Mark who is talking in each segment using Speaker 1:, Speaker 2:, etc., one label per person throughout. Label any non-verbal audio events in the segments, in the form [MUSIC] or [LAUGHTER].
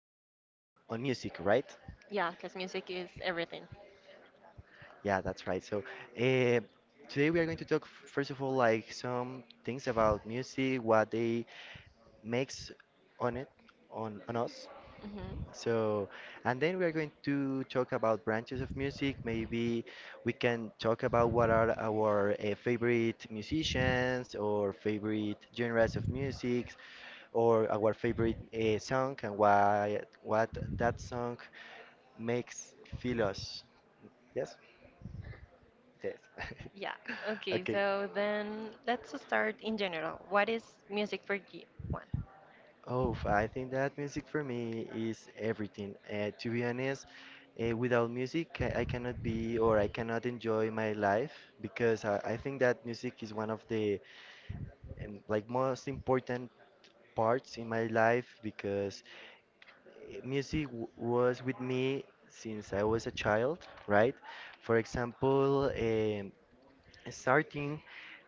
Speaker 1: music, right?
Speaker 2: Yeah, because music is everything.
Speaker 1: Yeah, that's right. So, uh, today we are going to talk first of all like some things about music, what they makes on it, on us.
Speaker 2: Hmm.
Speaker 1: So, and then we are going to talk about branches of music. Maybe we can talk about what are our favorite musicians or favorite genres of music or our favorite song and why what that song makes feel us. Yes, yes.
Speaker 2: Yeah.
Speaker 1: [LAUGHS]
Speaker 2: Okay,
Speaker 1: Okay.
Speaker 2: so then let's start in general. What is music for you, Juan?
Speaker 1: Oh, I think that music for me is everything. To be honest, without music, I cannot be or I cannot enjoy my life because I think that music is one of the like most important parts in my life because eh, music w was with me since I was a child, right? For example, starting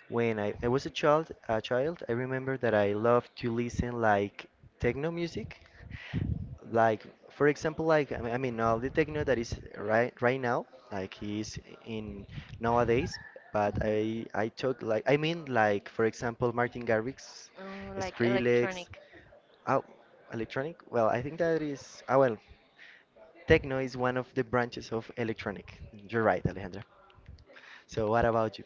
Speaker 1: when I was a child, I remember that I loved to listen like techno music like for example like I mean, all the techno that is right now like is in nowadays, but
Speaker 2: Hmm.
Speaker 1: I took, like I mean, like for example, Martin Garrix,
Speaker 2: Oh, like
Speaker 1: Skrillex.
Speaker 2: electronic.
Speaker 1: Oh, electronic. Well, I think that is, ah, well, techno is one of the branches of electronic. You're right, Alejandra. So what about you?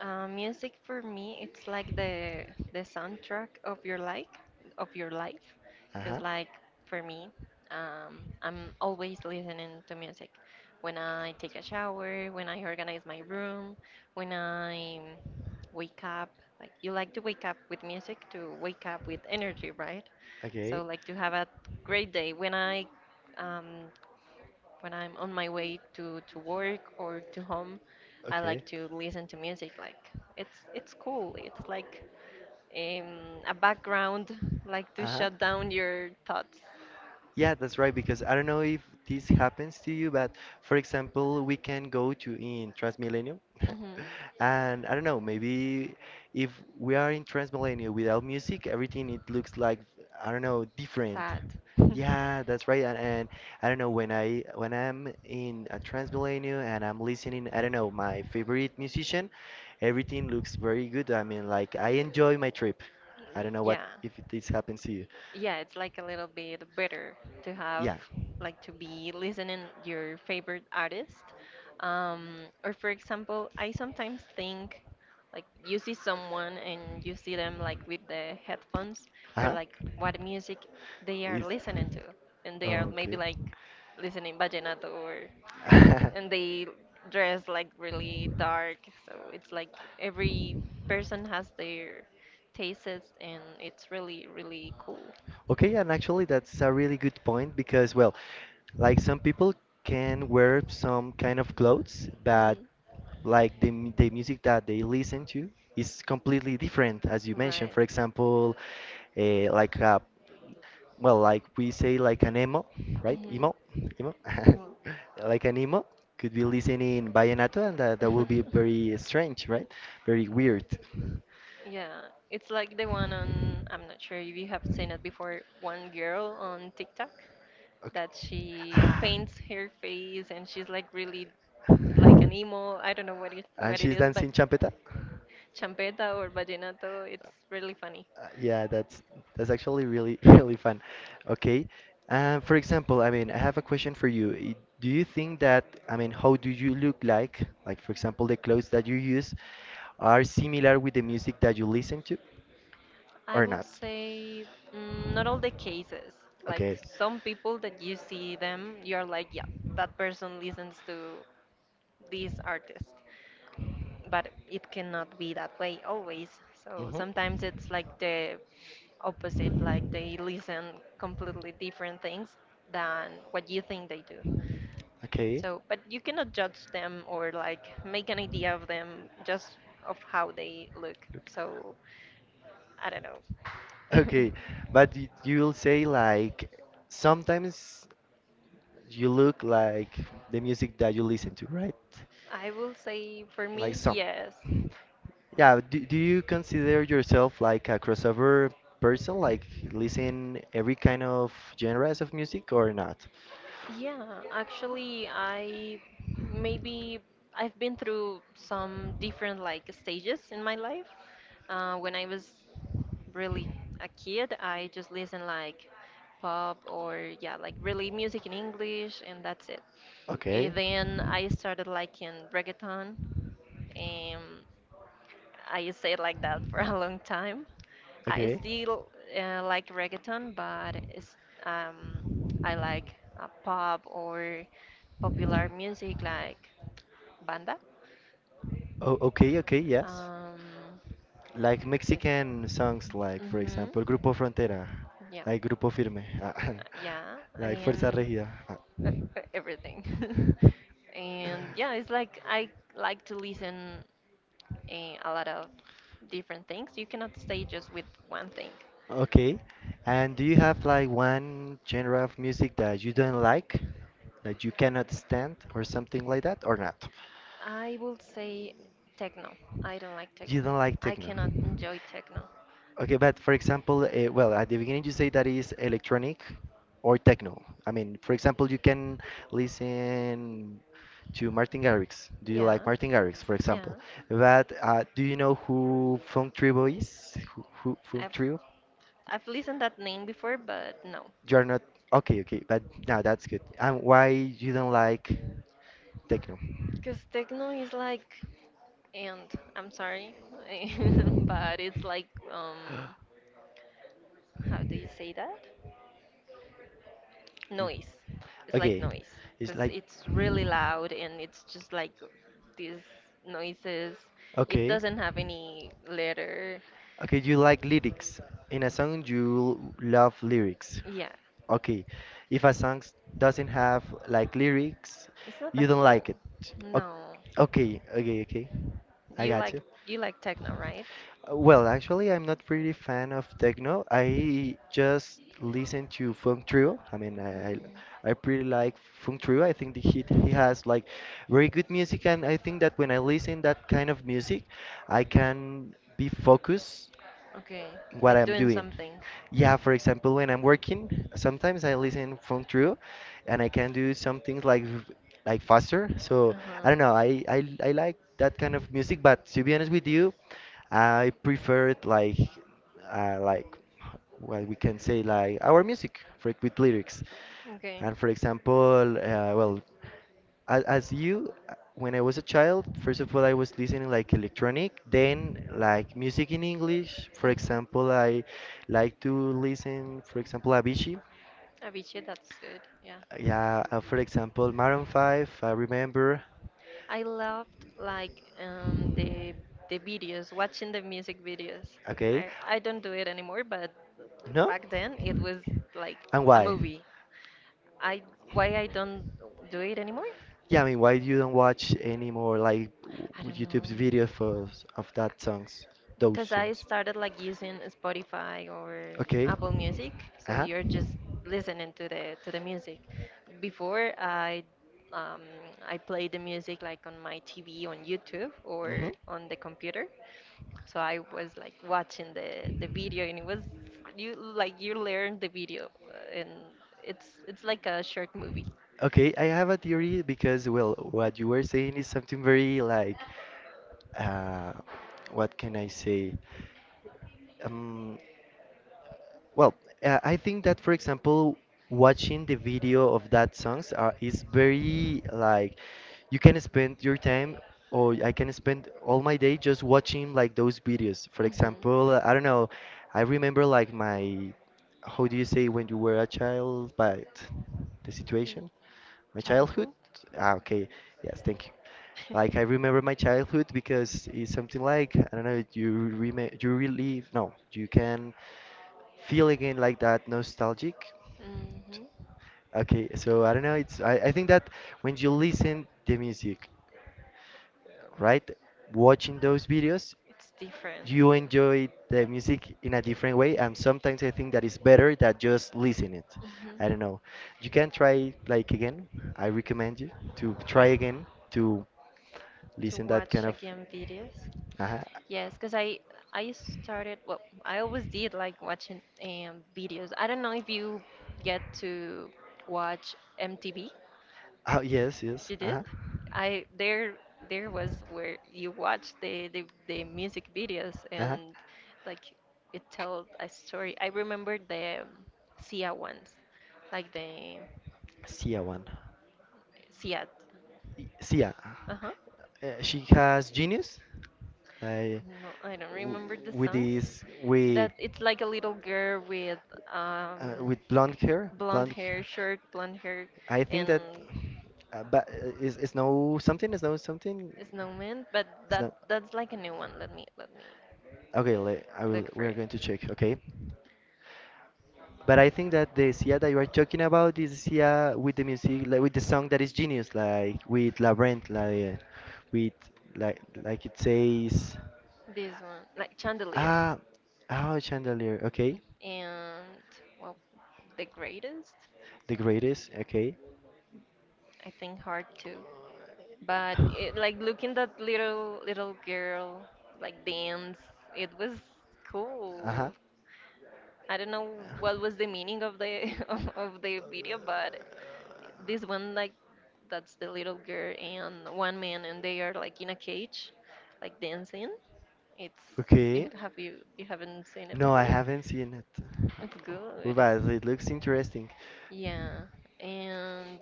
Speaker 2: Music for me, it's like the soundtrack of your life,
Speaker 1: Uh-huh.
Speaker 2: because like for me, I'm always listening to music. When I take a shower, when I organize my room, when I wake up, like you like to wake up with music to wake up with energy, right? So
Speaker 1: Okay,
Speaker 2: like to have a great day. When I um, when I'm on my way to work or to home, I
Speaker 1: okay.
Speaker 2: like to listen to music. Like it's cool. It's like um, a background, like to
Speaker 1: Uh-huh.
Speaker 2: shut down your thoughts.
Speaker 1: Yeah, that's right, because I don't know if this happens to you, but for example, we can go to in Transmilenio,
Speaker 2: Hmm.
Speaker 1: [LAUGHS] and I don't know, maybe if we are in Transmilenio without music, everything it looks like, I don't know, different.
Speaker 2: Sad. [LAUGHS]
Speaker 1: Yeah, that's right, and I don't know, when I'm in a Transmilenio and I'm listening, I don't know, my favorite musician, everything looks very good. I mean, like I enjoy my trip. I don't know what
Speaker 2: yeah.
Speaker 1: if this happens to you.
Speaker 2: Yeah, it's like a little bit better to have
Speaker 1: Yeah.
Speaker 2: like to be listening your favorite artist. Or for example, I sometimes think like you see someone and you see them like with the headphones, you're
Speaker 1: Uh-huh.
Speaker 2: like, what music they are
Speaker 1: Is
Speaker 2: listening to, and they are
Speaker 1: Oh,
Speaker 2: maybe
Speaker 1: okay.
Speaker 2: like listening vallenato or and
Speaker 1: [LAUGHS]
Speaker 2: they dress like really dark. So it's like every person has their tastes, and it's really, really cool.
Speaker 1: Okay, and actually that's a really good point because, well, like some people can wear some kind of clothes but
Speaker 2: Hmm.
Speaker 1: like the music that they listen to is completely different as you mentioned.
Speaker 2: Right.
Speaker 1: For example, like a, well, like we say like an emo, right?
Speaker 2: Hmm.
Speaker 1: Emo, emo. [LAUGHS]
Speaker 2: Emo.
Speaker 1: Like an emo could be listening vallenato and that will be very strange, right? Very weird.
Speaker 2: [LAUGHS] Yeah, it's like the one on, I'm not sure if you have seen it before, one girl on TikTok
Speaker 1: Okay.
Speaker 2: that she
Speaker 1: Ah.
Speaker 2: paints her face and she's like really like an emo. I don't know what it,
Speaker 1: And
Speaker 2: what it
Speaker 1: she's
Speaker 2: is, but
Speaker 1: dancing champeta.
Speaker 2: champeta or vallenato, it's really funny.
Speaker 1: Yeah, that's actually really [LAUGHS] really fun. Okay. For example, I mean, I have a question for you. Do you think that, I mean, how do you look like? Like, for example, the clothes that you use are similar with the music that you listen to
Speaker 2: I
Speaker 1: or
Speaker 2: will
Speaker 1: not?
Speaker 2: say not all the cases. Like
Speaker 1: Okay.
Speaker 2: some people that you see them, you're like, yeah, that person listens to this artist, but it cannot be that way always. So
Speaker 1: Hmm.
Speaker 2: sometimes it's like the opposite, like they listen completely different things than what you think they do.
Speaker 1: Okay.
Speaker 2: So, but you cannot judge them or like make an idea of them just of how they look.
Speaker 1: Look.
Speaker 2: So, I don't know.
Speaker 1: Okay, but you'll say like sometimes you look like the music that you listen to, right?
Speaker 2: [LAUGHS] I will say for
Speaker 1: Like
Speaker 2: me,
Speaker 1: some.
Speaker 2: yes.
Speaker 1: Yeah, do you consider yourself like a crossover person, like listen every kind of genres of music or not?
Speaker 2: Yeah, actually, I maybe I've been through some different like stages in my life. When I was really a kid, I just listened like pop or yeah, like really music in English, and that's it.
Speaker 1: Okay.
Speaker 2: Then I started liking reggaeton. Um, I stayed like that for a long time. I
Speaker 1: Okay.
Speaker 2: still like reggaeton, but it's, um, I like pop or popular music like banda.
Speaker 1: Oh, okay, okay, yes.
Speaker 2: Um,
Speaker 1: Like
Speaker 2: the,
Speaker 1: Mexican songs, like for
Speaker 2: hmm,
Speaker 1: example, Grupo Frontera,
Speaker 2: yeah,
Speaker 1: like Grupo Firme, [LAUGHS]
Speaker 2: yeah,
Speaker 1: like Fuerza
Speaker 2: and
Speaker 1: Regida. Ah.
Speaker 2: uh, everything. [LAUGHS]
Speaker 1: [LAUGHS]
Speaker 2: and yeah, it's like I like to listen a lot of different things. You cannot stay just with one thing.
Speaker 1: Okay. And do you have like one genre of music that you don't like, that you cannot stand, or something like that, or not?
Speaker 2: I will say techno. I don't like
Speaker 1: You
Speaker 2: techno.
Speaker 1: don't like
Speaker 2: I
Speaker 1: techno.
Speaker 2: cannot enjoy techno.
Speaker 1: Okay, but for example, well, at the beginning you say that is electronic or techno. I mean, for example, you can listen to Martin Garrix. Do you like
Speaker 2: Yeah,
Speaker 1: Martin Garrix, for
Speaker 2: yeah.
Speaker 1: example? But do you know who Funk Tribo is? Who Funk
Speaker 2: I've
Speaker 1: Tribo?
Speaker 2: I've listened that name before, but no.
Speaker 1: You are not. Okay, okay, but now that's good. And why you don't like techno?
Speaker 2: Because techno is like, and I'm sorry, [LAUGHS] but it's like, how do you say that?
Speaker 1: Mm.
Speaker 2: Noise. It's like
Speaker 1: Okay,
Speaker 2: noise
Speaker 1: it's
Speaker 2: because
Speaker 1: like
Speaker 2: it's really loud and it's just like these noises. It
Speaker 1: okay.
Speaker 2: doesn't have any letter.
Speaker 1: Okay, you like lyrics. In a song, you love lyrics.
Speaker 2: Yeah,
Speaker 1: Okay, if a song doesn't have like lyrics,
Speaker 2: it's not that
Speaker 1: you don't
Speaker 2: cool.
Speaker 1: like it.
Speaker 2: No,
Speaker 1: O- Okay, okay, okay. I
Speaker 2: you
Speaker 1: got
Speaker 2: like
Speaker 1: you.
Speaker 2: you like techno, right?
Speaker 1: Well, actually, I'm not really fan of techno. I just listen to Funk Trio. I mean, I I,
Speaker 2: Mm,
Speaker 1: I pretty like Funk Trio. I think that he has like very good music, and I think that when I listen that kind of music, I can be focused
Speaker 2: okay,
Speaker 1: what
Speaker 2: like
Speaker 1: I'm
Speaker 2: doing
Speaker 1: doing.
Speaker 2: something.
Speaker 1: Yeah, for example, when I'm working, sometimes I listen from through and I can do some things like like faster.
Speaker 2: Uh
Speaker 1: So
Speaker 2: huh.
Speaker 1: I don't know, I like that kind of music, but to be honest with you, I prefer it like what we can say like our music for, with lyrics.
Speaker 2: Okay.
Speaker 1: And for example, well, as you when I was a child, first of all I was listening like electronic, then like music in English, for
Speaker 2: Mhm.
Speaker 1: example I like to listen for example Avicii.
Speaker 2: Avicii, that's good. Yeah,
Speaker 1: Yeah, for example, Maroon 5, I remember.
Speaker 2: I loved like the videos, watching the music videos.
Speaker 1: Okay.
Speaker 2: I don't do it anymore, but
Speaker 1: No.
Speaker 2: back then it was like
Speaker 1: And
Speaker 2: a
Speaker 1: why?
Speaker 2: movie. I why I don't do it anymore?
Speaker 1: Yeah, I mean, why you don't watch any more like
Speaker 2: I don't know.
Speaker 1: YouTube's videos for of that songs those
Speaker 2: Because I
Speaker 1: songs?
Speaker 2: started like using Spotify or
Speaker 1: Okay.
Speaker 2: Apple Music, so
Speaker 1: Uh-huh.
Speaker 2: you're just listening to the music. Before um, I played the music like on my TV on YouTube
Speaker 1: Hmm.
Speaker 2: or on the computer, so I was like watching the video and it was you like you learn the video and it's like a short movie.
Speaker 1: Okay, I have a theory because, well, what you were saying is something very like, uh, what can I say? Um, well, I think that, for example, watching the video of that songs is very like you can spend your time, or I can spend all my day just watching like those videos. For
Speaker 2: Hmm.
Speaker 1: example, I don't know, I remember like my how do you say when you were a child, but the
Speaker 2: Your
Speaker 1: situation, my childhood.
Speaker 2: childhood.
Speaker 1: Ah, okay, yes, thank you. Like I
Speaker 2: [LAUGHS]
Speaker 1: remember my childhood because it's something like I don't know, you relive, no, you can feel again like that nostalgic.
Speaker 2: hmm.
Speaker 1: Okay, so I don't know. I think that when you listen the music, right, watching those videos,
Speaker 2: It's different.
Speaker 1: you enjoy the music in a different way, and sometimes I think that is better than just listening it.
Speaker 2: Hmm.
Speaker 1: I don't know. You can try like again. I recommend you to try again to
Speaker 2: To
Speaker 1: listen that
Speaker 2: watch
Speaker 1: kind of.
Speaker 2: again videos.
Speaker 1: Uh-huh.
Speaker 2: Yes, because I started. Well, I always did like watching videos. I don't know if you get to watch MTV.
Speaker 1: Oh yes, yes.
Speaker 2: You did?
Speaker 1: Uh-huh.
Speaker 2: I there was where you watched the music videos
Speaker 1: Uh-huh.
Speaker 2: and like it told a story. I remember the Sia ones, like the
Speaker 1: See ya one.
Speaker 2: Sia.
Speaker 1: Sia.
Speaker 2: Uh huh.
Speaker 1: She has genius. I
Speaker 2: I'm not, I don't
Speaker 1: w
Speaker 2: remember the
Speaker 1: with
Speaker 2: songs.
Speaker 1: this
Speaker 2: That it's like a little girl with um
Speaker 1: with blonde hair,
Speaker 2: blonde
Speaker 1: blonde
Speaker 2: hair,
Speaker 1: hair.
Speaker 2: short blonde hair,
Speaker 1: I think that
Speaker 2: and
Speaker 1: but is no something, is no something,
Speaker 2: a snowman. But
Speaker 1: is
Speaker 2: that
Speaker 1: no
Speaker 2: that's like a new one. Let me
Speaker 1: okay. I will.
Speaker 2: look for
Speaker 1: We are
Speaker 2: it.
Speaker 1: going to check. Okay. But I think that the Sia that you are talking about is Sia with the music, like with the song that is genius, like with La Brent, like with like it says.
Speaker 2: This one, like chandelier,
Speaker 1: Ah, oh, chandelier. Okay.
Speaker 2: and well, the greatest.
Speaker 1: The greatest. Okay.
Speaker 2: I think hard too, but it, like looking that little little girl like dance, it was
Speaker 1: Uh-huh.
Speaker 2: cool. I don't know what was the meaning of the [LAUGHS] of the video, but this one like that's the little girl and one man, and they are like in a cage, like dancing. It's
Speaker 1: Okay.
Speaker 2: you, have you haven't seen it
Speaker 1: No, I
Speaker 2: before?
Speaker 1: haven't seen it.
Speaker 2: It's
Speaker 1: Oh,
Speaker 2: good.
Speaker 1: but it looks interesting.
Speaker 2: Yeah, and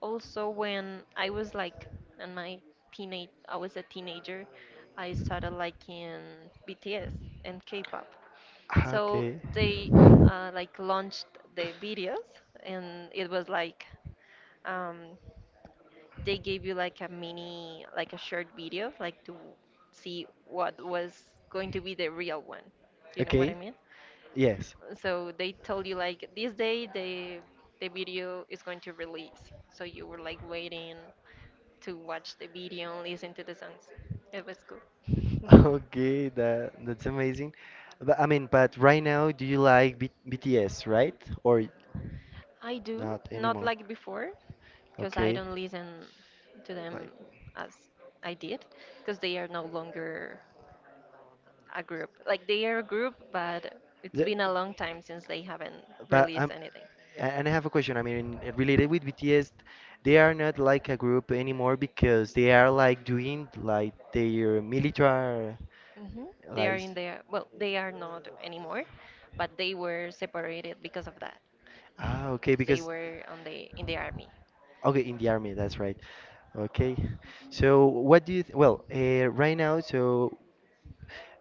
Speaker 2: also when I was like in my teenage, I was a teenager. I started liking BTS and K-pop.
Speaker 1: Ah,
Speaker 2: So
Speaker 1: okay.
Speaker 2: they like launched the videos, and it was like um, they gave you like a mini, like a short video, like to see what was going to be the real one. You know what I
Speaker 1: Okay.
Speaker 2: mean?
Speaker 1: Yes.
Speaker 2: So they told you like this day the video is going to release. So you were like waiting to watch the video and listen to the songs. It was cool.
Speaker 1: [LAUGHS]
Speaker 2: [LAUGHS]
Speaker 1: Okay, that that's amazing. But I mean, but right now, do you like B BTS, right? Or
Speaker 2: I do,
Speaker 1: not
Speaker 2: not
Speaker 1: anymore?
Speaker 2: like before, because I
Speaker 1: Okay.
Speaker 2: don't listen to
Speaker 1: Like,
Speaker 2: them as I did, because they are no longer a group. Like they are a group, but it's
Speaker 1: the,
Speaker 2: been a long time since they haven't
Speaker 1: but
Speaker 2: released anything.
Speaker 1: And I have a question. I mean, related with BTS, they are not like a group anymore because they are like doing like their military,
Speaker 2: Hmm. They are
Speaker 1: like,
Speaker 2: in their, well, they are not anymore, but they were separated because of that,
Speaker 1: ah, okay,
Speaker 2: because they
Speaker 1: because,
Speaker 2: were on the army.
Speaker 1: okay, in the army, that's right. Okay. So what do you, th well, right now, so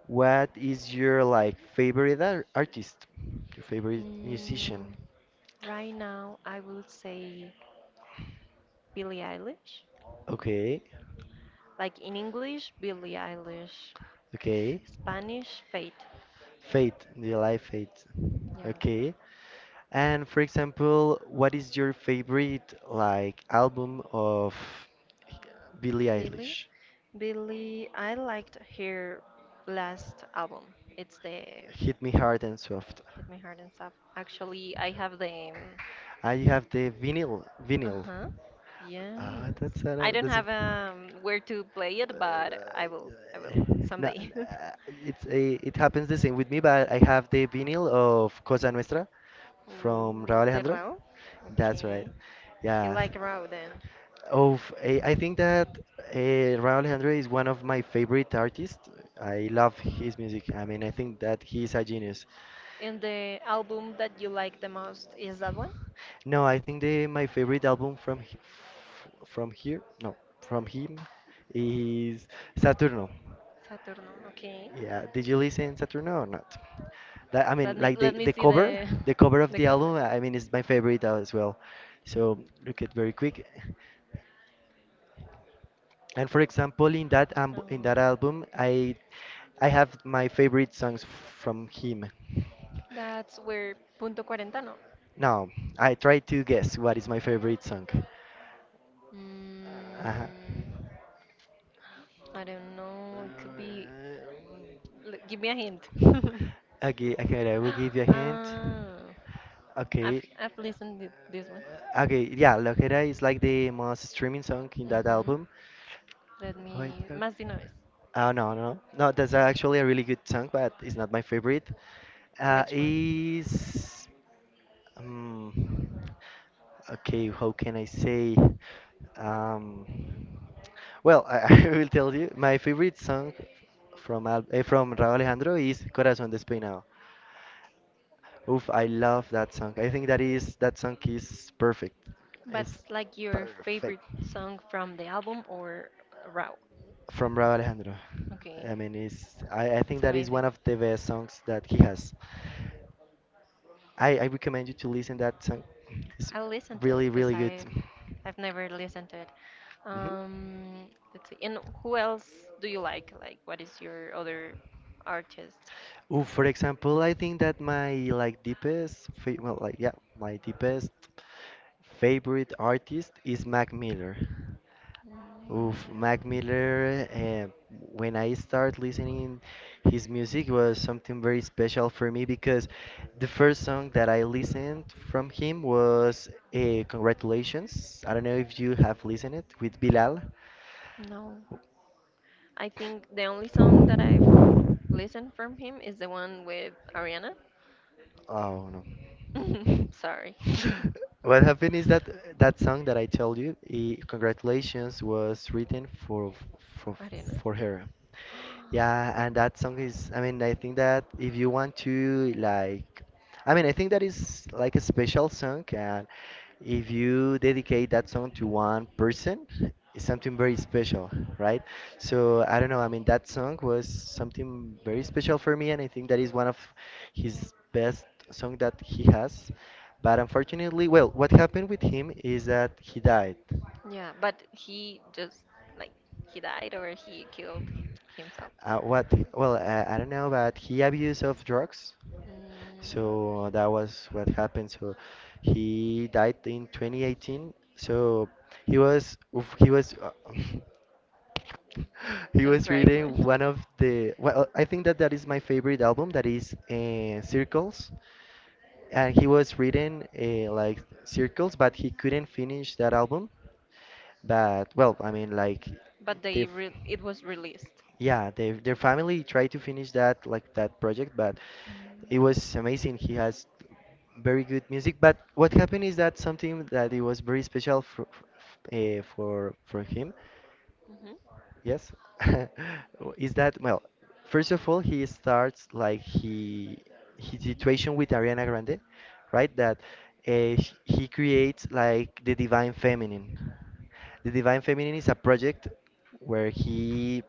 Speaker 1: what is your like favorite ar artist? Your favorite musician?
Speaker 2: Mm, right now, I would say Billie Eilish.
Speaker 1: Okay.
Speaker 2: Like in English, Billie Eilish.
Speaker 1: Okay.
Speaker 2: Spanish Fate.
Speaker 1: Fate, do you like Fate?
Speaker 2: Yeah.
Speaker 1: Okay. And for example, what is your favorite like album of Billie
Speaker 2: Billy?
Speaker 1: Eilish?
Speaker 2: Billy, I liked her last album. It's the
Speaker 1: Hit Me Hard and Soft.
Speaker 2: Hit Me Hard and Stuff. Actually, I have the.
Speaker 1: Ah, you have the vinyl,
Speaker 2: Uh
Speaker 1: vinyl.
Speaker 2: huh.
Speaker 1: Ah,
Speaker 2: Yes. I don't have where to play it, but I will. I will
Speaker 1: no,
Speaker 2: someday. [LAUGHS]
Speaker 1: it happens the same with me, but I have the vinyl of Cosa Nuestra from Raúl
Speaker 2: Ooh, the
Speaker 1: Alejandro.
Speaker 2: Rao?
Speaker 1: That's right.
Speaker 2: Okay. You
Speaker 1: Yeah.
Speaker 2: like Rao then.
Speaker 1: I think that Raúl Alejandro is one of my favorite artists. I love his music. I mean, I think that he's a genius.
Speaker 2: And the album that you like the most is that one?
Speaker 1: No, I think the my favorite album from he- f- from here, no, from him is Saturno.
Speaker 2: Saturno. Okay.
Speaker 1: Yeah, did you listen Saturno or not? That, I
Speaker 2: Let
Speaker 1: mean,
Speaker 2: me
Speaker 1: like
Speaker 2: let
Speaker 1: the
Speaker 2: me
Speaker 1: the
Speaker 2: see
Speaker 1: cover,
Speaker 2: the
Speaker 1: the cover
Speaker 2: [LAUGHS]
Speaker 1: of
Speaker 2: the
Speaker 1: the
Speaker 2: cover.
Speaker 1: album. I mean, is my favorite as well. So look at very quick. And for example, in
Speaker 2: Um,
Speaker 1: that album, I have my favorite songs from him.
Speaker 2: that's where punto cuarentano.
Speaker 1: Now, I try to guess what is my favorite song.
Speaker 2: Mm,
Speaker 1: Uh,
Speaker 2: I don't know. It could be. Give me a hint. [LAUGHS]
Speaker 1: okay, okay, I will give you a hint.
Speaker 2: Ah, I've
Speaker 1: Okay.
Speaker 2: I've listened to this one.
Speaker 1: Okay, yeah, Loquera is like the most streaming song in that
Speaker 2: Mhm.
Speaker 1: album.
Speaker 2: Let
Speaker 1: Wait,
Speaker 2: me. Más de una vez.
Speaker 1: oh, no, no. No, no, that's actually a really good song, but it's not my favorite.
Speaker 2: Mm. Which one?
Speaker 1: Is Um, okay, how can I say? Um, well, I, [LAUGHS] I will tell you. My favorite song from Raúl Alejandro is Corazón Despeinado. Oof, I love that song. I think that song is perfect.
Speaker 2: But
Speaker 1: It's
Speaker 2: like your
Speaker 1: perfect
Speaker 2: favorite song from the album or Raw?
Speaker 1: from Raúl Alejandro.
Speaker 2: Okay,
Speaker 1: I mean, I think
Speaker 2: it's
Speaker 1: that is
Speaker 2: amazing.
Speaker 1: one of the best songs that he has. I recommend you to listen that song. It's
Speaker 2: I'll listen to it
Speaker 1: really,
Speaker 2: because
Speaker 1: really good.
Speaker 2: I I've never listened to it.
Speaker 1: hmm
Speaker 2: Um, let's see. And who else do you like? Like, what is your other artist?
Speaker 1: Ooh, for example, I think that my, like, deepest, fa well, like, yeah, my deepest favorite artist is Mac Miller.
Speaker 2: Mm,
Speaker 1: Oof, Mac Miller. When I start listening, his music was something very special for me, because the first song that I listened from him was "Congratulations." I don't know if you have listened it with Bilal.
Speaker 2: no, I think the only song that I've listened from him is the one with Ariana.
Speaker 1: Oh,
Speaker 2: [LAUGHS]
Speaker 1: no.
Speaker 2: Sorry,
Speaker 1: [LAUGHS] What happened is that that song that I told you, I Congratulations, was written for for
Speaker 2: [LAUGHS] Ariana.
Speaker 1: for her.
Speaker 2: [GASPS]
Speaker 1: Yeah, and that song is. I mean, I think that if you want to, like. I mean, I think that is like a special song, and if you dedicate that song to one person, it's something very special, right? So I don't know. I mean, that song was something very special for me, and I think that is one of his best song that he has. But unfortunately, well, what happened with him is that he died.
Speaker 2: Yeah, but he just like he died or he killed himself.
Speaker 1: What? Well, I don't know, but he abused of drugs.
Speaker 2: Mm,
Speaker 1: So that was what happened. So he died in 2018. So he was oof, he was [LAUGHS] he
Speaker 2: don't
Speaker 1: was
Speaker 2: cry, [LAUGHS] Juan.
Speaker 1: reading one of the, well, I think that that is my favorite album, that is Circles, and he was reading like Circles, but he couldn't finish that album. But, well, I mean, like
Speaker 2: But
Speaker 1: the.
Speaker 2: they
Speaker 1: f-
Speaker 2: re it was released.
Speaker 1: yeah, their family tried to finish that, like, that project, but
Speaker 2: Mm-hmm.
Speaker 1: it was amazing. He has very good music. But what happened is that something that it was very special for for him. Yes. [LAUGHS] Is that, well? First of all, he starts, like, he his situation with Ariana Grande, right? That he creates, like, The Divine Feminine. The Divine Feminine is a project where he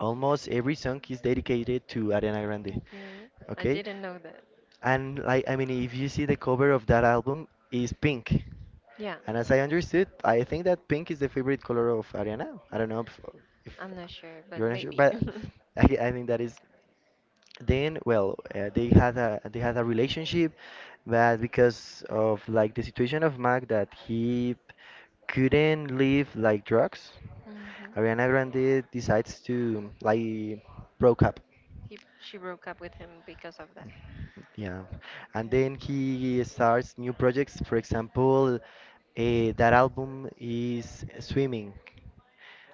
Speaker 1: almost every song is dedicated to Ariana Grande.
Speaker 2: Okay. I
Speaker 1: Okay?
Speaker 2: didn't know that.
Speaker 1: And, like, I mean, if you see the cover of that album, is pink.
Speaker 2: Yeah,
Speaker 1: And as I understood, I think that pink is the favorite color of Ariana. I don't know if, if
Speaker 2: I'm not sure, but
Speaker 1: you're not sure,
Speaker 2: maybe.
Speaker 1: but
Speaker 2: [LAUGHS]
Speaker 1: I think that is, then, well, they had a, relationship, but because of, like, the situation of Mac, that he couldn't live, like, drugs,
Speaker 2: hmm.
Speaker 1: Ariana Grande decides to, like, broke up.
Speaker 2: He she broke up with him because of that.
Speaker 1: Yeah. And
Speaker 2: Okay.
Speaker 1: then he starts new projects. For example, that album is Swimming.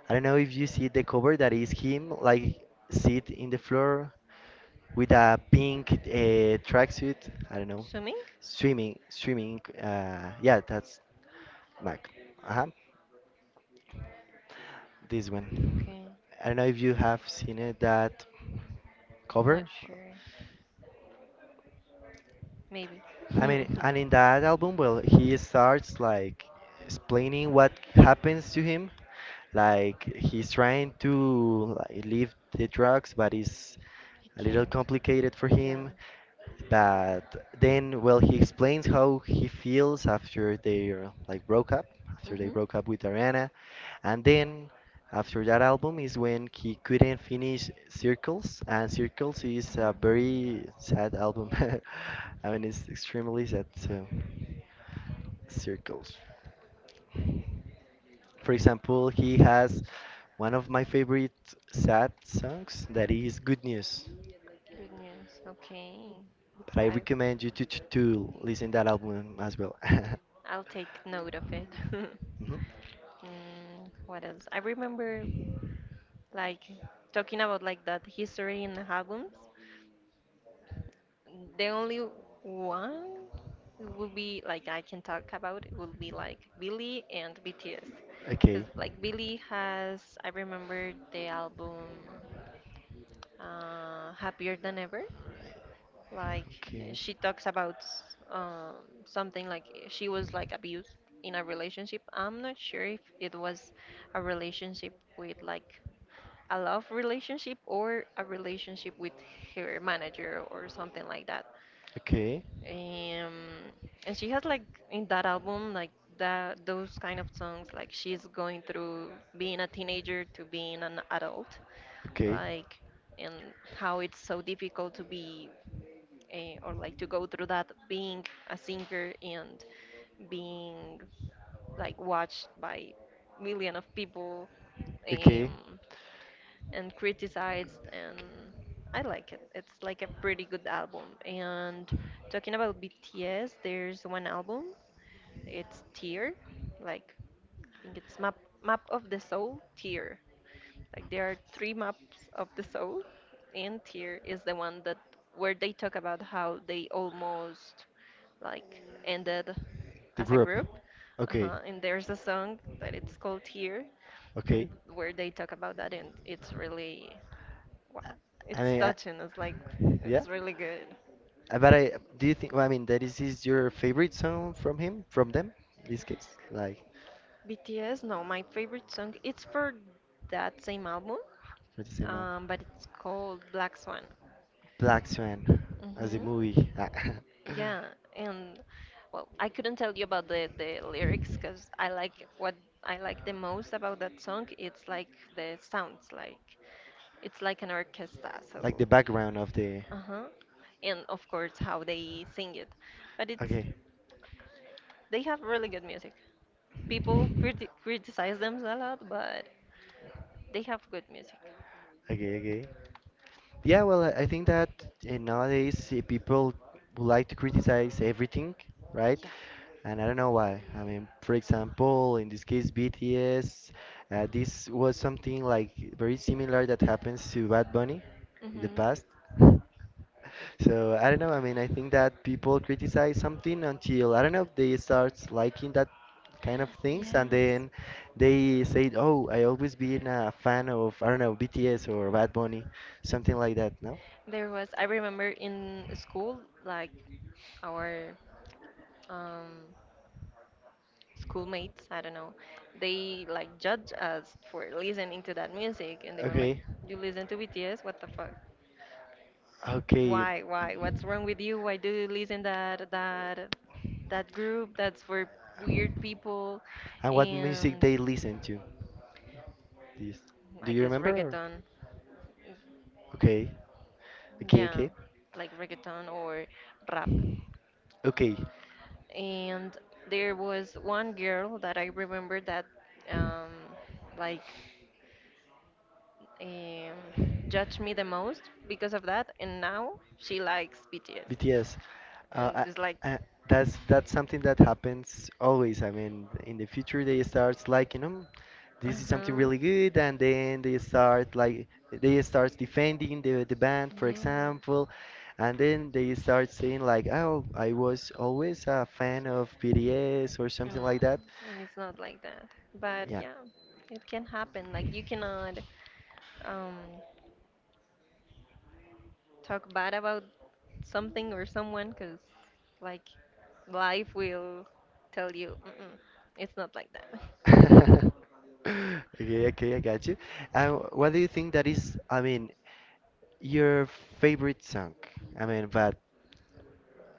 Speaker 1: I don't know if you see the cover, that is him like sit in the floor with a pink tracksuit. I don't know,
Speaker 2: Swimming?
Speaker 1: swimming, swimming. Yeah, that's Mac. Uh huh. This one.
Speaker 2: Okay,
Speaker 1: I don't know if you have seen it, that
Speaker 2: I'm not
Speaker 1: cover.
Speaker 2: sure. Maybe. [LAUGHS]
Speaker 1: I
Speaker 2: I
Speaker 1: mean, and in that album, well, he starts like explaining what happens to him. Like, he's trying to, like, leave the drugs, but it's a little
Speaker 2: can't.
Speaker 1: complicated for
Speaker 2: Yeah.
Speaker 1: him. But then, well, he explains how he feels after they, like, broke up, after they
Speaker 2: Mm-hmm.
Speaker 1: broke up with Ariana. And then after that album is when he couldn't finish Circles, and Circles is a very sad album. [LAUGHS] I mean, it's extremely sad. So, Circles. For example, he has one of my favorite sad songs, that is "Good News."
Speaker 2: Good news. Okay.
Speaker 1: But I
Speaker 2: Five.
Speaker 1: recommend you to to listen that album as well. [LAUGHS]
Speaker 2: I'll take note of it. [LAUGHS]
Speaker 1: Mhm.
Speaker 2: What else? I remember like talking about like that history in the albums. The only one would be like I can talk about it would be like Billy and BTS,
Speaker 1: Okay.
Speaker 2: because like Billy has I remember the album Happier Than Ever. Like
Speaker 1: Okay.
Speaker 2: she talks about something like she was like abused in a relationship. I'm not sure if it was a relationship with like a love relationship or a relationship with her manager or something like that.
Speaker 1: Okay.
Speaker 2: Um, and she has like in that album like that those kind of songs like she's going through being a teenager to being an adult
Speaker 1: Okay.
Speaker 2: like and how it's so difficult to be or like to go through that being a singer and being like watched by million of people,
Speaker 1: Okay.
Speaker 2: um, and criticized and I like it. It's like a pretty good album. And talking about BTS, there's one album It's tier, like I think it's map of the soul tier. Like there are three maps of the soul, and tier is the one that where they talk about how they almost like ended
Speaker 1: The
Speaker 2: as a
Speaker 1: group.
Speaker 2: group.
Speaker 1: Okay.
Speaker 2: Uh-huh. And there's a song that it's called Here, and
Speaker 1: Okay.
Speaker 2: where they talk about that, and it's really wow.
Speaker 1: I
Speaker 2: It's
Speaker 1: mean, I,
Speaker 2: touching. It's like
Speaker 1: yeah.
Speaker 2: it's really good.
Speaker 1: But I do you think? Well, I mean, that is your favorite song from him, from them, in this case, like,
Speaker 2: BTS, no, my favorite song. It's for that same album,
Speaker 1: for the same
Speaker 2: but it's called Black Swan.
Speaker 1: "Black Swan," as a
Speaker 2: Hmm.
Speaker 1: movie. [LAUGHS] Ah.
Speaker 2: Yeah, and well, I couldn't tell you about the lyrics because I like what I like the most about that song. It's like the sounds, like it's like an orchestra.
Speaker 1: Like
Speaker 2: So,
Speaker 1: the background of the.
Speaker 2: uh-huh, and of course how they sing it, but it's
Speaker 1: Okay,
Speaker 2: they have really good music. People criti- criticize them a lot, but they have good music.
Speaker 1: okay, okay. Yeah, well, I think that nowadays people would like to criticize everything, right?
Speaker 2: Yeah.
Speaker 1: And I don't know why. I mean, for example, in this case, BTS, this was something like very similar that happens to Bad Bunny
Speaker 2: Hmm.
Speaker 1: in the
Speaker 2: Things.
Speaker 1: past. [LAUGHS] So I don't know. I mean, I think that people criticize something until, I don't know, they start liking that kind of things, and
Speaker 2: Yes.
Speaker 1: then they said, "Oh, I always been a fan of, I don't know, BTS or Bad Bunny," something like that. No.
Speaker 2: So there was, I remember in school, like our um, schoolmates, I don't know, they like judge us for listening to that music and they were like,
Speaker 1: Okay,
Speaker 2: you listen to BTS? What the fuck?
Speaker 1: okay.
Speaker 2: Why, why? What's wrong with you? Why do you listen that group? That's for weird people.
Speaker 1: And what music
Speaker 2: And
Speaker 1: they listen to, this,
Speaker 2: I
Speaker 1: do you
Speaker 2: guess
Speaker 1: remember, or?
Speaker 2: reggaeton.
Speaker 1: Okay, okay,
Speaker 2: Yeah,
Speaker 1: okay,
Speaker 2: like reggaeton or rap.
Speaker 1: okay.
Speaker 2: And there was one girl that I remember that um like um judged me the most because of that, and now she likes BTS.
Speaker 1: BTS.
Speaker 2: And
Speaker 1: Uh,
Speaker 2: it's like
Speaker 1: I, that's something that happens always. I mean, in the future, they start liking them. This is
Speaker 2: uh-huh.
Speaker 1: something really good, and then they start defending the band, for
Speaker 2: Yes.
Speaker 1: example, and then they start saying like, "Oh, I was always a fan of BTS," or
Speaker 2: No,
Speaker 1: something like that.
Speaker 2: and it's not like that. But
Speaker 1: Yeah.
Speaker 2: yeah, it can happen. Like you cannot um, talk bad about something or someone, because like life will tell you, mm-mm, it's not like that. [LAUGHS]
Speaker 1: [LAUGHS] Okay, okay, I got you. What do you think that is? I mean, your favorite song. I mean, but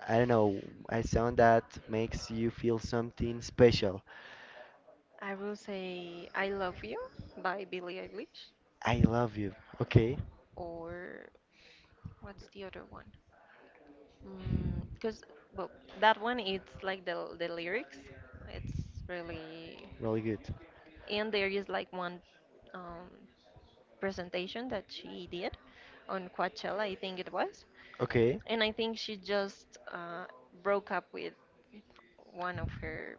Speaker 1: I don't know, a song that makes you feel something special.
Speaker 2: I will say I Love You by Billie Eilish,
Speaker 1: I love you. Okay,
Speaker 2: or what's the other one? Because, well, that one, it's like the lyrics. It's really.
Speaker 1: really good.
Speaker 2: And there is like one um, presentation that she did on Coachella, I think it was.
Speaker 1: Okay,
Speaker 2: And I think she just broke up with one of her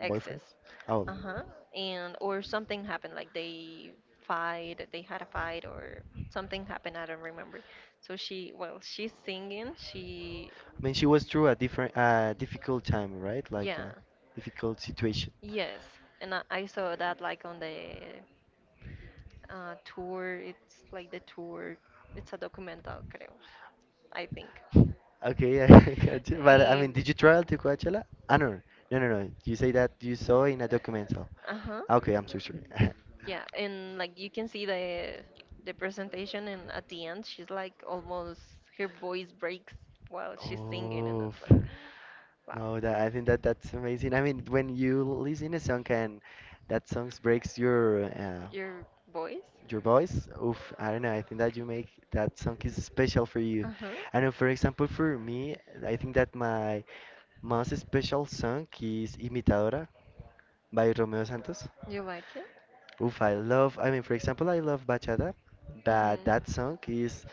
Speaker 2: exes.
Speaker 1: boyfriend. Oh,
Speaker 2: Uh huh. And, or something happened, like they fight, they had a fight, or something happened, I don't remember. So she, well, she's singing, she,
Speaker 1: I mean, she was through a different, difficult time, right? Like
Speaker 2: yeah.
Speaker 1: a difficult situation.
Speaker 2: Yes, and I saw that like on the tour. It's like the tour. It's a documental, creo. I think. [LAUGHS]
Speaker 1: Okay, [LAUGHS] I got you. But I mean,
Speaker 2: Um,
Speaker 1: did you travel to Coachella? No, no, no, no. You say that you saw in a documental.
Speaker 2: uh huh.
Speaker 1: Okay, I'm so sorry. [LAUGHS]
Speaker 2: Yeah, and like you can see the presentation, and at the end, she's like almost her voice breaks while she's singing, and
Speaker 1: Oh,
Speaker 2: that's
Speaker 1: [LAUGHS]
Speaker 2: like, wow,
Speaker 1: no, that I think that that's amazing. I mean, when you listen a song and that song breaks your
Speaker 2: your voice.
Speaker 1: voice, oof, I don't know. I think that you make that song is special for you.
Speaker 2: Uh huh.
Speaker 1: I know, for example, for me, I think that my most special song is "Imitadora," by Romeo Santos.
Speaker 2: You like it?
Speaker 1: Oof, I love, I mean, for example, I love bachata, but
Speaker 2: Hmm.
Speaker 1: that song is,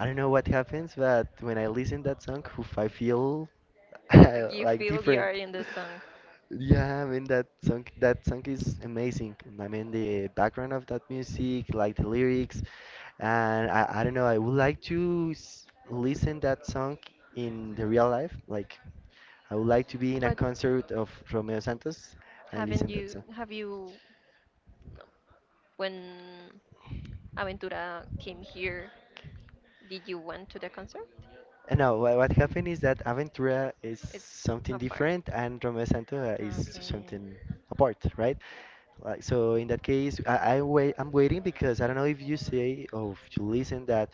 Speaker 1: I don't know what happens, but when I listen that song, oof, I feel [LAUGHS]
Speaker 2: Like you
Speaker 1: like
Speaker 2: feel you
Speaker 1: different.
Speaker 2: are in the song.
Speaker 1: Yeah, I mean, that song, is amazing. I mean, the background of that music, like the lyrics, and I don't know, I would like to s listen that song in the real life. Like, I would like to be in a
Speaker 2: But
Speaker 1: concert of Romeo Santos and
Speaker 2: haven't
Speaker 1: listen that.
Speaker 2: you, have you, when Aventura came here, did you went to the concert?
Speaker 1: No, what happened is that Aventura is
Speaker 2: It's
Speaker 1: something
Speaker 2: apart.
Speaker 1: different and Romeo Santo is
Speaker 2: Okay.
Speaker 1: something apart, right? Like, so in that case, I'm waiting because I don't know if you say or if you listen that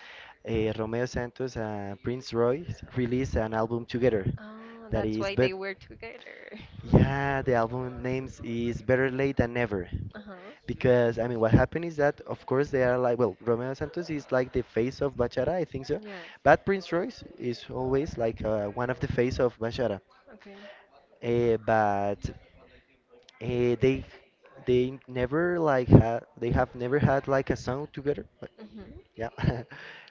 Speaker 1: Romeo Santos and Prince Royce released an album together,
Speaker 2: Oh,
Speaker 1: that
Speaker 2: that's
Speaker 1: is,
Speaker 2: why they
Speaker 1: but
Speaker 2: were together. [LAUGHS]
Speaker 1: yeah, the album names is "Better Late Than Never."
Speaker 2: Uh huh.
Speaker 1: Because, I mean, what happened is that, of course, they are like, well, Romeo Santos is like the face of Bachata, I think so.
Speaker 2: Yes.
Speaker 1: But Prince Royce is always like one of the face of Bachata.
Speaker 2: Okay.
Speaker 1: But uh, they they never like had, they have never had, like, a song together. But
Speaker 2: Mm-hmm.
Speaker 1: yeah, [LAUGHS]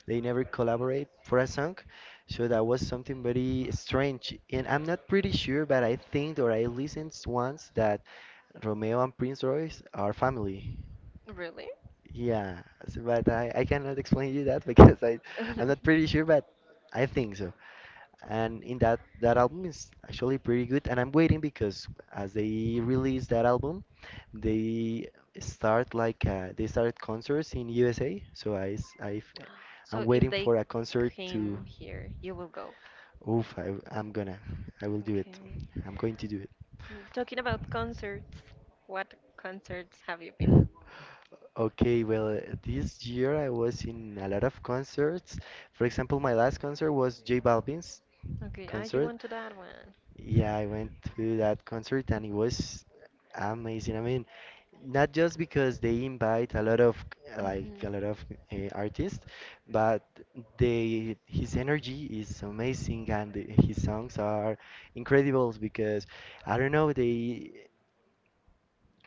Speaker 1: they never collaborate for a song. So that was something very strange. And I'm not pretty sure, but I think or I listened once that Romeo and Prince Royce are family.
Speaker 2: Really?
Speaker 1: Yeah, but I cannot [LAUGHS] explain you that because I'm not pretty sure,
Speaker 2: [LAUGHS]
Speaker 1: but I think so. And in that album is actually pretty good, and I'm waiting because as they release that album, they they started concerts in USA, so I s- I f- I'm
Speaker 2: So if
Speaker 1: waiting
Speaker 2: they
Speaker 1: for a concert to,
Speaker 2: came here, you will go.
Speaker 1: oof, I, I'm gonna, I will do it,
Speaker 2: Okay.
Speaker 1: I'm going to do it.
Speaker 2: Mm, talking about concerts, what concerts have you been?
Speaker 1: Okay, well, this year I was in a lot of concerts. For example, my last concert was J Balvin's
Speaker 2: Okay, ah, you
Speaker 1: concert.
Speaker 2: went to that one.
Speaker 1: Yeah, I went to that concert, and it was amazing. I mean, not just because they invite a lot of, like
Speaker 2: Hmm.
Speaker 1: a lot of artists, but they, his energy is amazing, and his songs are incredible, because I don't know, they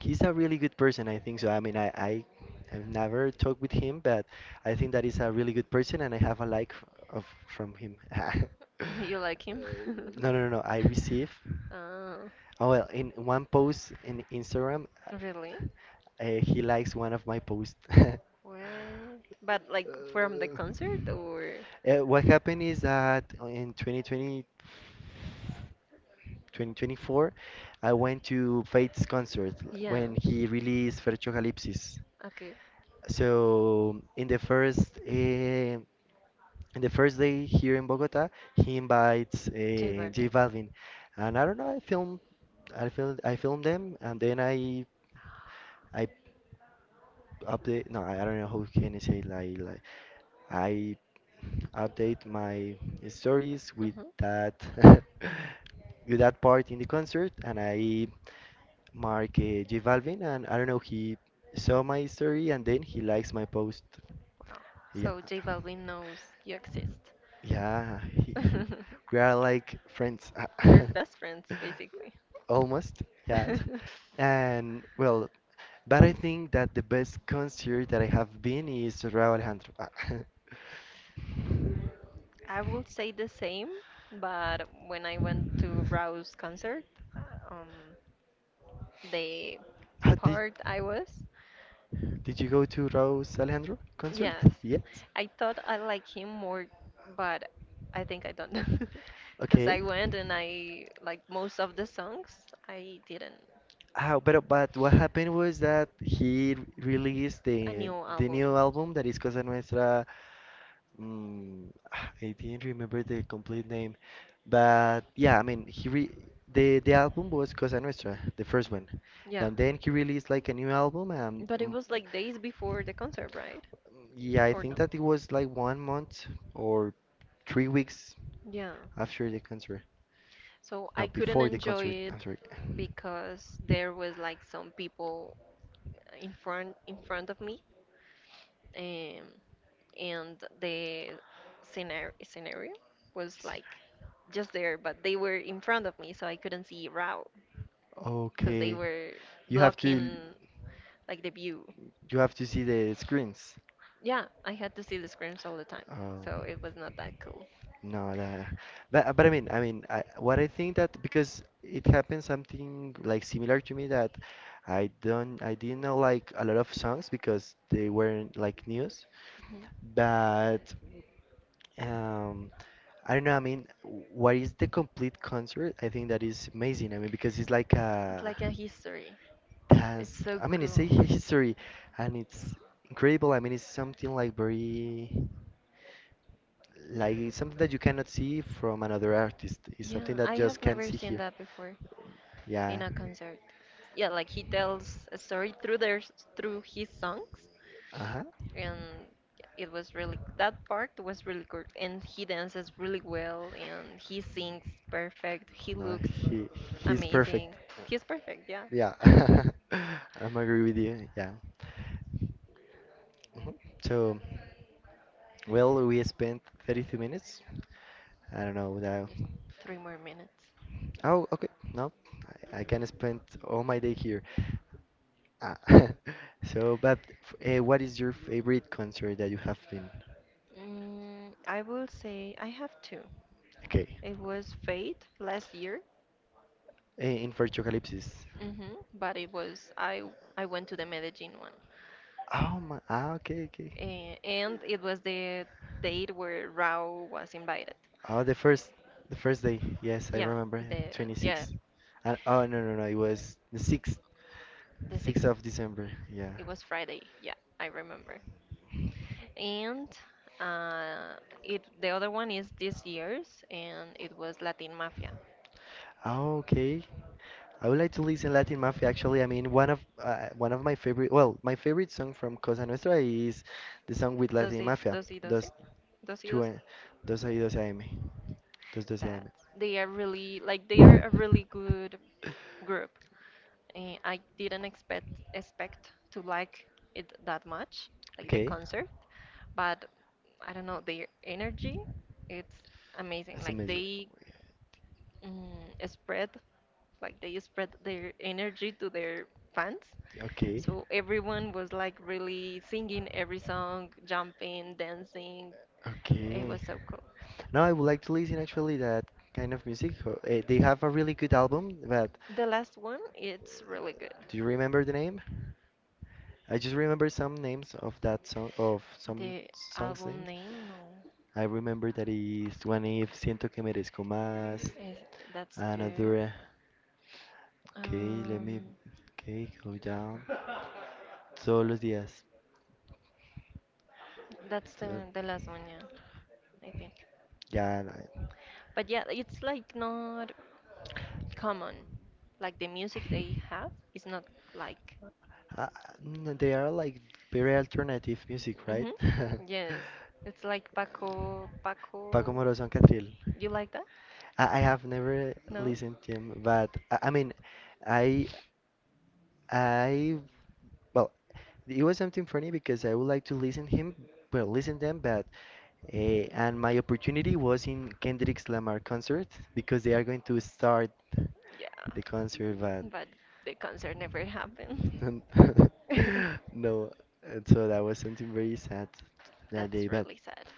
Speaker 1: he's a really good person, I think so. I mean, I've never talked with him, but I think that he's a really good person, and I have a like of from him. [LAUGHS]
Speaker 2: [LAUGHS] You like
Speaker 1: Uh,
Speaker 2: him?
Speaker 1: no, no,
Speaker 2: [LAUGHS]
Speaker 1: no, no, I receive.
Speaker 2: Oh,
Speaker 1: Oh, well, in one post in Instagram,
Speaker 2: really?
Speaker 1: he likes one of my posts. [LAUGHS]
Speaker 2: What? But like from the
Speaker 1: Uh,
Speaker 2: concert or?
Speaker 1: what happened is that in 2024, I went to Faith's concert
Speaker 2: Yeah.
Speaker 1: when he released Fercho Calypsis.
Speaker 2: Okay.
Speaker 1: So in the first day here in Bogota, he invites
Speaker 2: J
Speaker 1: J
Speaker 2: Balvin.
Speaker 1: Balvin, and I don't know, I filmed them, and then I update. No, I don't know how can I say, like, I update my stories with
Speaker 2: Hmm.
Speaker 1: that [LAUGHS] with that part in the concert, and I mark J Balvin, and I don't know. He saw my story, and then he likes my post.
Speaker 2: Wow.
Speaker 1: Yeah.
Speaker 2: So J
Speaker 1: [LAUGHS]
Speaker 2: Balvin knows you exist.
Speaker 1: Yeah,
Speaker 2: [LAUGHS]
Speaker 1: we are like friends. [LAUGHS]
Speaker 2: You're best friends, basically.
Speaker 1: Almost, yes.
Speaker 2: [LAUGHS]
Speaker 1: And well, but I think that the best concert that I have been is Raúl Alejandro. Ah. [LAUGHS]
Speaker 2: I will say the same, but when I went to Rao's concert, uh, um, the
Speaker 1: Ah,
Speaker 2: part I was,
Speaker 1: did you go to Raúl Alejandro concert?
Speaker 2: yes,
Speaker 1: Yes.
Speaker 2: I thought I like him more, but I think I don't, [LAUGHS] because
Speaker 1: Okay.
Speaker 2: I went and I like most of the songs I didn't.
Speaker 1: But what happened was that he released
Speaker 2: A new
Speaker 1: the
Speaker 2: album,
Speaker 1: new album that is Cosa Nuestra. [SIGHS] I didn't remember the complete name, but yeah, I mean, he re the album was Cosa Nostra, the first one,
Speaker 2: yeah,
Speaker 1: and then he released like a new album.
Speaker 2: but it was like days before the concert, right?
Speaker 1: Yeah, I
Speaker 2: Or
Speaker 1: think
Speaker 2: no?
Speaker 1: that it was like one month or 3 weeks
Speaker 2: Yeah.
Speaker 1: after the concert.
Speaker 2: So I
Speaker 1: No,
Speaker 2: couldn't
Speaker 1: before the
Speaker 2: enjoy
Speaker 1: concert. I'm
Speaker 2: it
Speaker 1: sorry.
Speaker 2: because there was like some people in front of me, um, and the scenario was like just there, but they were in front of me, so I couldn't see route because they
Speaker 1: Okay,
Speaker 2: were
Speaker 1: you have to
Speaker 2: blocking like the view.
Speaker 1: you have to see the screens.
Speaker 2: Yeah, I had to see the screens all the time,
Speaker 1: Oh.
Speaker 2: so it was not that cool.
Speaker 1: No, that, but I mean, what I think that, because it happened something like similar to me, that I didn't know like a lot of songs because they weren't like news,
Speaker 2: Mhm.
Speaker 1: but um, I don't know. I mean, what is the complete concert? I think that is amazing. I mean, because it's like
Speaker 2: It's
Speaker 1: a
Speaker 2: like a history. It's
Speaker 1: dance.
Speaker 2: so
Speaker 1: I mean, it's a
Speaker 2: cool.
Speaker 1: history, and it's incredible. I mean, it's something like very. Like, it's something that you cannot see from another artist. It's
Speaker 2: Yeah,
Speaker 1: something that
Speaker 2: I
Speaker 1: just
Speaker 2: have
Speaker 1: can
Speaker 2: never
Speaker 1: see
Speaker 2: seen
Speaker 1: here.
Speaker 2: that before in
Speaker 1: Yeah.
Speaker 2: a concert. Yeah, like he tells a story through through his songs,
Speaker 1: Uh-huh.
Speaker 2: and yeah, it was really, that part was really good. And he dances really well, and he sings perfect. He
Speaker 1: No,
Speaker 2: looks
Speaker 1: he's perfect.
Speaker 2: amazing. He's perfect. Yeah.
Speaker 1: Yeah,
Speaker 2: [LAUGHS] Just
Speaker 1: [LAUGHS] I'm agree with you. Yeah. Mhm. So, well, we spent 32 minutes. I don't know that.
Speaker 2: three more minutes.
Speaker 1: Oh, okay. No, I can spend all my day here. Ah. [LAUGHS] So, but what is your favorite concert that you have been?
Speaker 2: Mm, I will say I have two.
Speaker 1: Okay.
Speaker 2: It was Fate last year.
Speaker 1: In Vertucalypsis.
Speaker 2: Hmm. But it was I went to the Medellin one.
Speaker 1: Oh my, okay, okay.
Speaker 2: And it was the date where Rao was invited.
Speaker 1: Oh, the first day. Yes, I
Speaker 2: Yeah,
Speaker 1: remember.
Speaker 2: the yeah,
Speaker 1: 26. And, oh, no, no, no. It was the
Speaker 2: the
Speaker 1: 6th
Speaker 2: 6th.
Speaker 1: of December. Yeah.
Speaker 2: It was Friday. Yeah, I remember. And uh, it, the other one is this year's, and it was Latin Mafia.
Speaker 1: Oh, okay. I would like to listen Latin Mafia. Actually, I mean, one of well, my favorite song from Cosa Nostra is the song with Latin
Speaker 2: Doce,
Speaker 1: Mafia.
Speaker 2: doce, doce?
Speaker 1: Dos,
Speaker 2: Doce,
Speaker 1: two,
Speaker 2: doce?
Speaker 1: dos y dos AM. Dos doce
Speaker 2: That
Speaker 1: AM.
Speaker 2: they are really like they are a really
Speaker 1: [LAUGHS]
Speaker 2: good group. Eh, I didn't expect to like it that much, like the
Speaker 1: Okay,
Speaker 2: concert, but I don't know, their energy. It's amazing.
Speaker 1: that's
Speaker 2: Like
Speaker 1: amazing.
Speaker 2: they mm, spread, like they spread their energy to their fans.
Speaker 1: Okay,
Speaker 2: So everyone was like really singing every song, jumping, dancing. It
Speaker 1: okay.
Speaker 2: was so cool.
Speaker 1: No, I would like to listen, actually, that kind of music. They have a really good album, but
Speaker 2: The last one, it's
Speaker 1: uh,
Speaker 2: really good.
Speaker 1: do you remember the name? I just remember some names of that song, of some
Speaker 2: The
Speaker 1: songs
Speaker 2: album
Speaker 1: names.
Speaker 2: name?
Speaker 1: I remember that is one,
Speaker 2: No.
Speaker 1: "if siento que merezco más,"
Speaker 2: Is that's good.
Speaker 1: another. Okay, let me.
Speaker 2: Um,
Speaker 1: Okay, go down. "Todos los días."
Speaker 2: that's
Speaker 1: So-
Speaker 2: the last one, yeah, I think.
Speaker 1: yeah.
Speaker 2: But yeah, it's like not common. Like the music they have is not like.
Speaker 1: Uh, they are like very alternative music, right?
Speaker 2: Hmm.
Speaker 1: [LAUGHS]
Speaker 2: Yes, it's like Paco
Speaker 1: Paco
Speaker 2: Paco.
Speaker 1: Moroso and Catril.
Speaker 2: You like that?
Speaker 1: I have never
Speaker 2: No?
Speaker 1: listened to him, but I mean, I, I, well, it was something funny because I would like to listen him, well, listen them, but uh, and my opportunity was in Kendrick's Lamar concert because they are going to start the
Speaker 2: Yeah,
Speaker 1: concert,
Speaker 2: but the concert never happened.
Speaker 1: and
Speaker 2: [LAUGHS]
Speaker 1: [LAUGHS] no, and so that was something very sad that
Speaker 2: That's
Speaker 1: day, but
Speaker 2: really sad.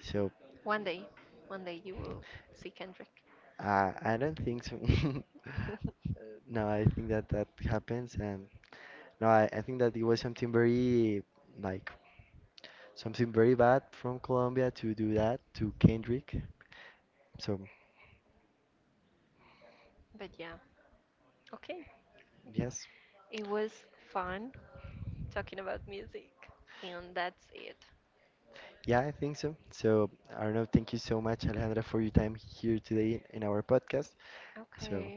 Speaker 1: so
Speaker 2: One day, one day you will see Kendrick.
Speaker 1: I don't think so. [LAUGHS]
Speaker 2: [LAUGHS]
Speaker 1: No, I think that that happens, and no, I think that it was something very like bad from Colombia to do that to Kendrick. So
Speaker 2: But yeah, okay.
Speaker 1: yes,
Speaker 2: It was fun talking about music, and that's it.
Speaker 1: yeah, I think so. So I don't know. Thank you so much, Alejandra, for your time here today, in our podcast. So,
Speaker 2: Okay,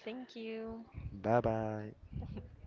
Speaker 2: thank you.
Speaker 1: bye bye.
Speaker 2: [LAUGHS]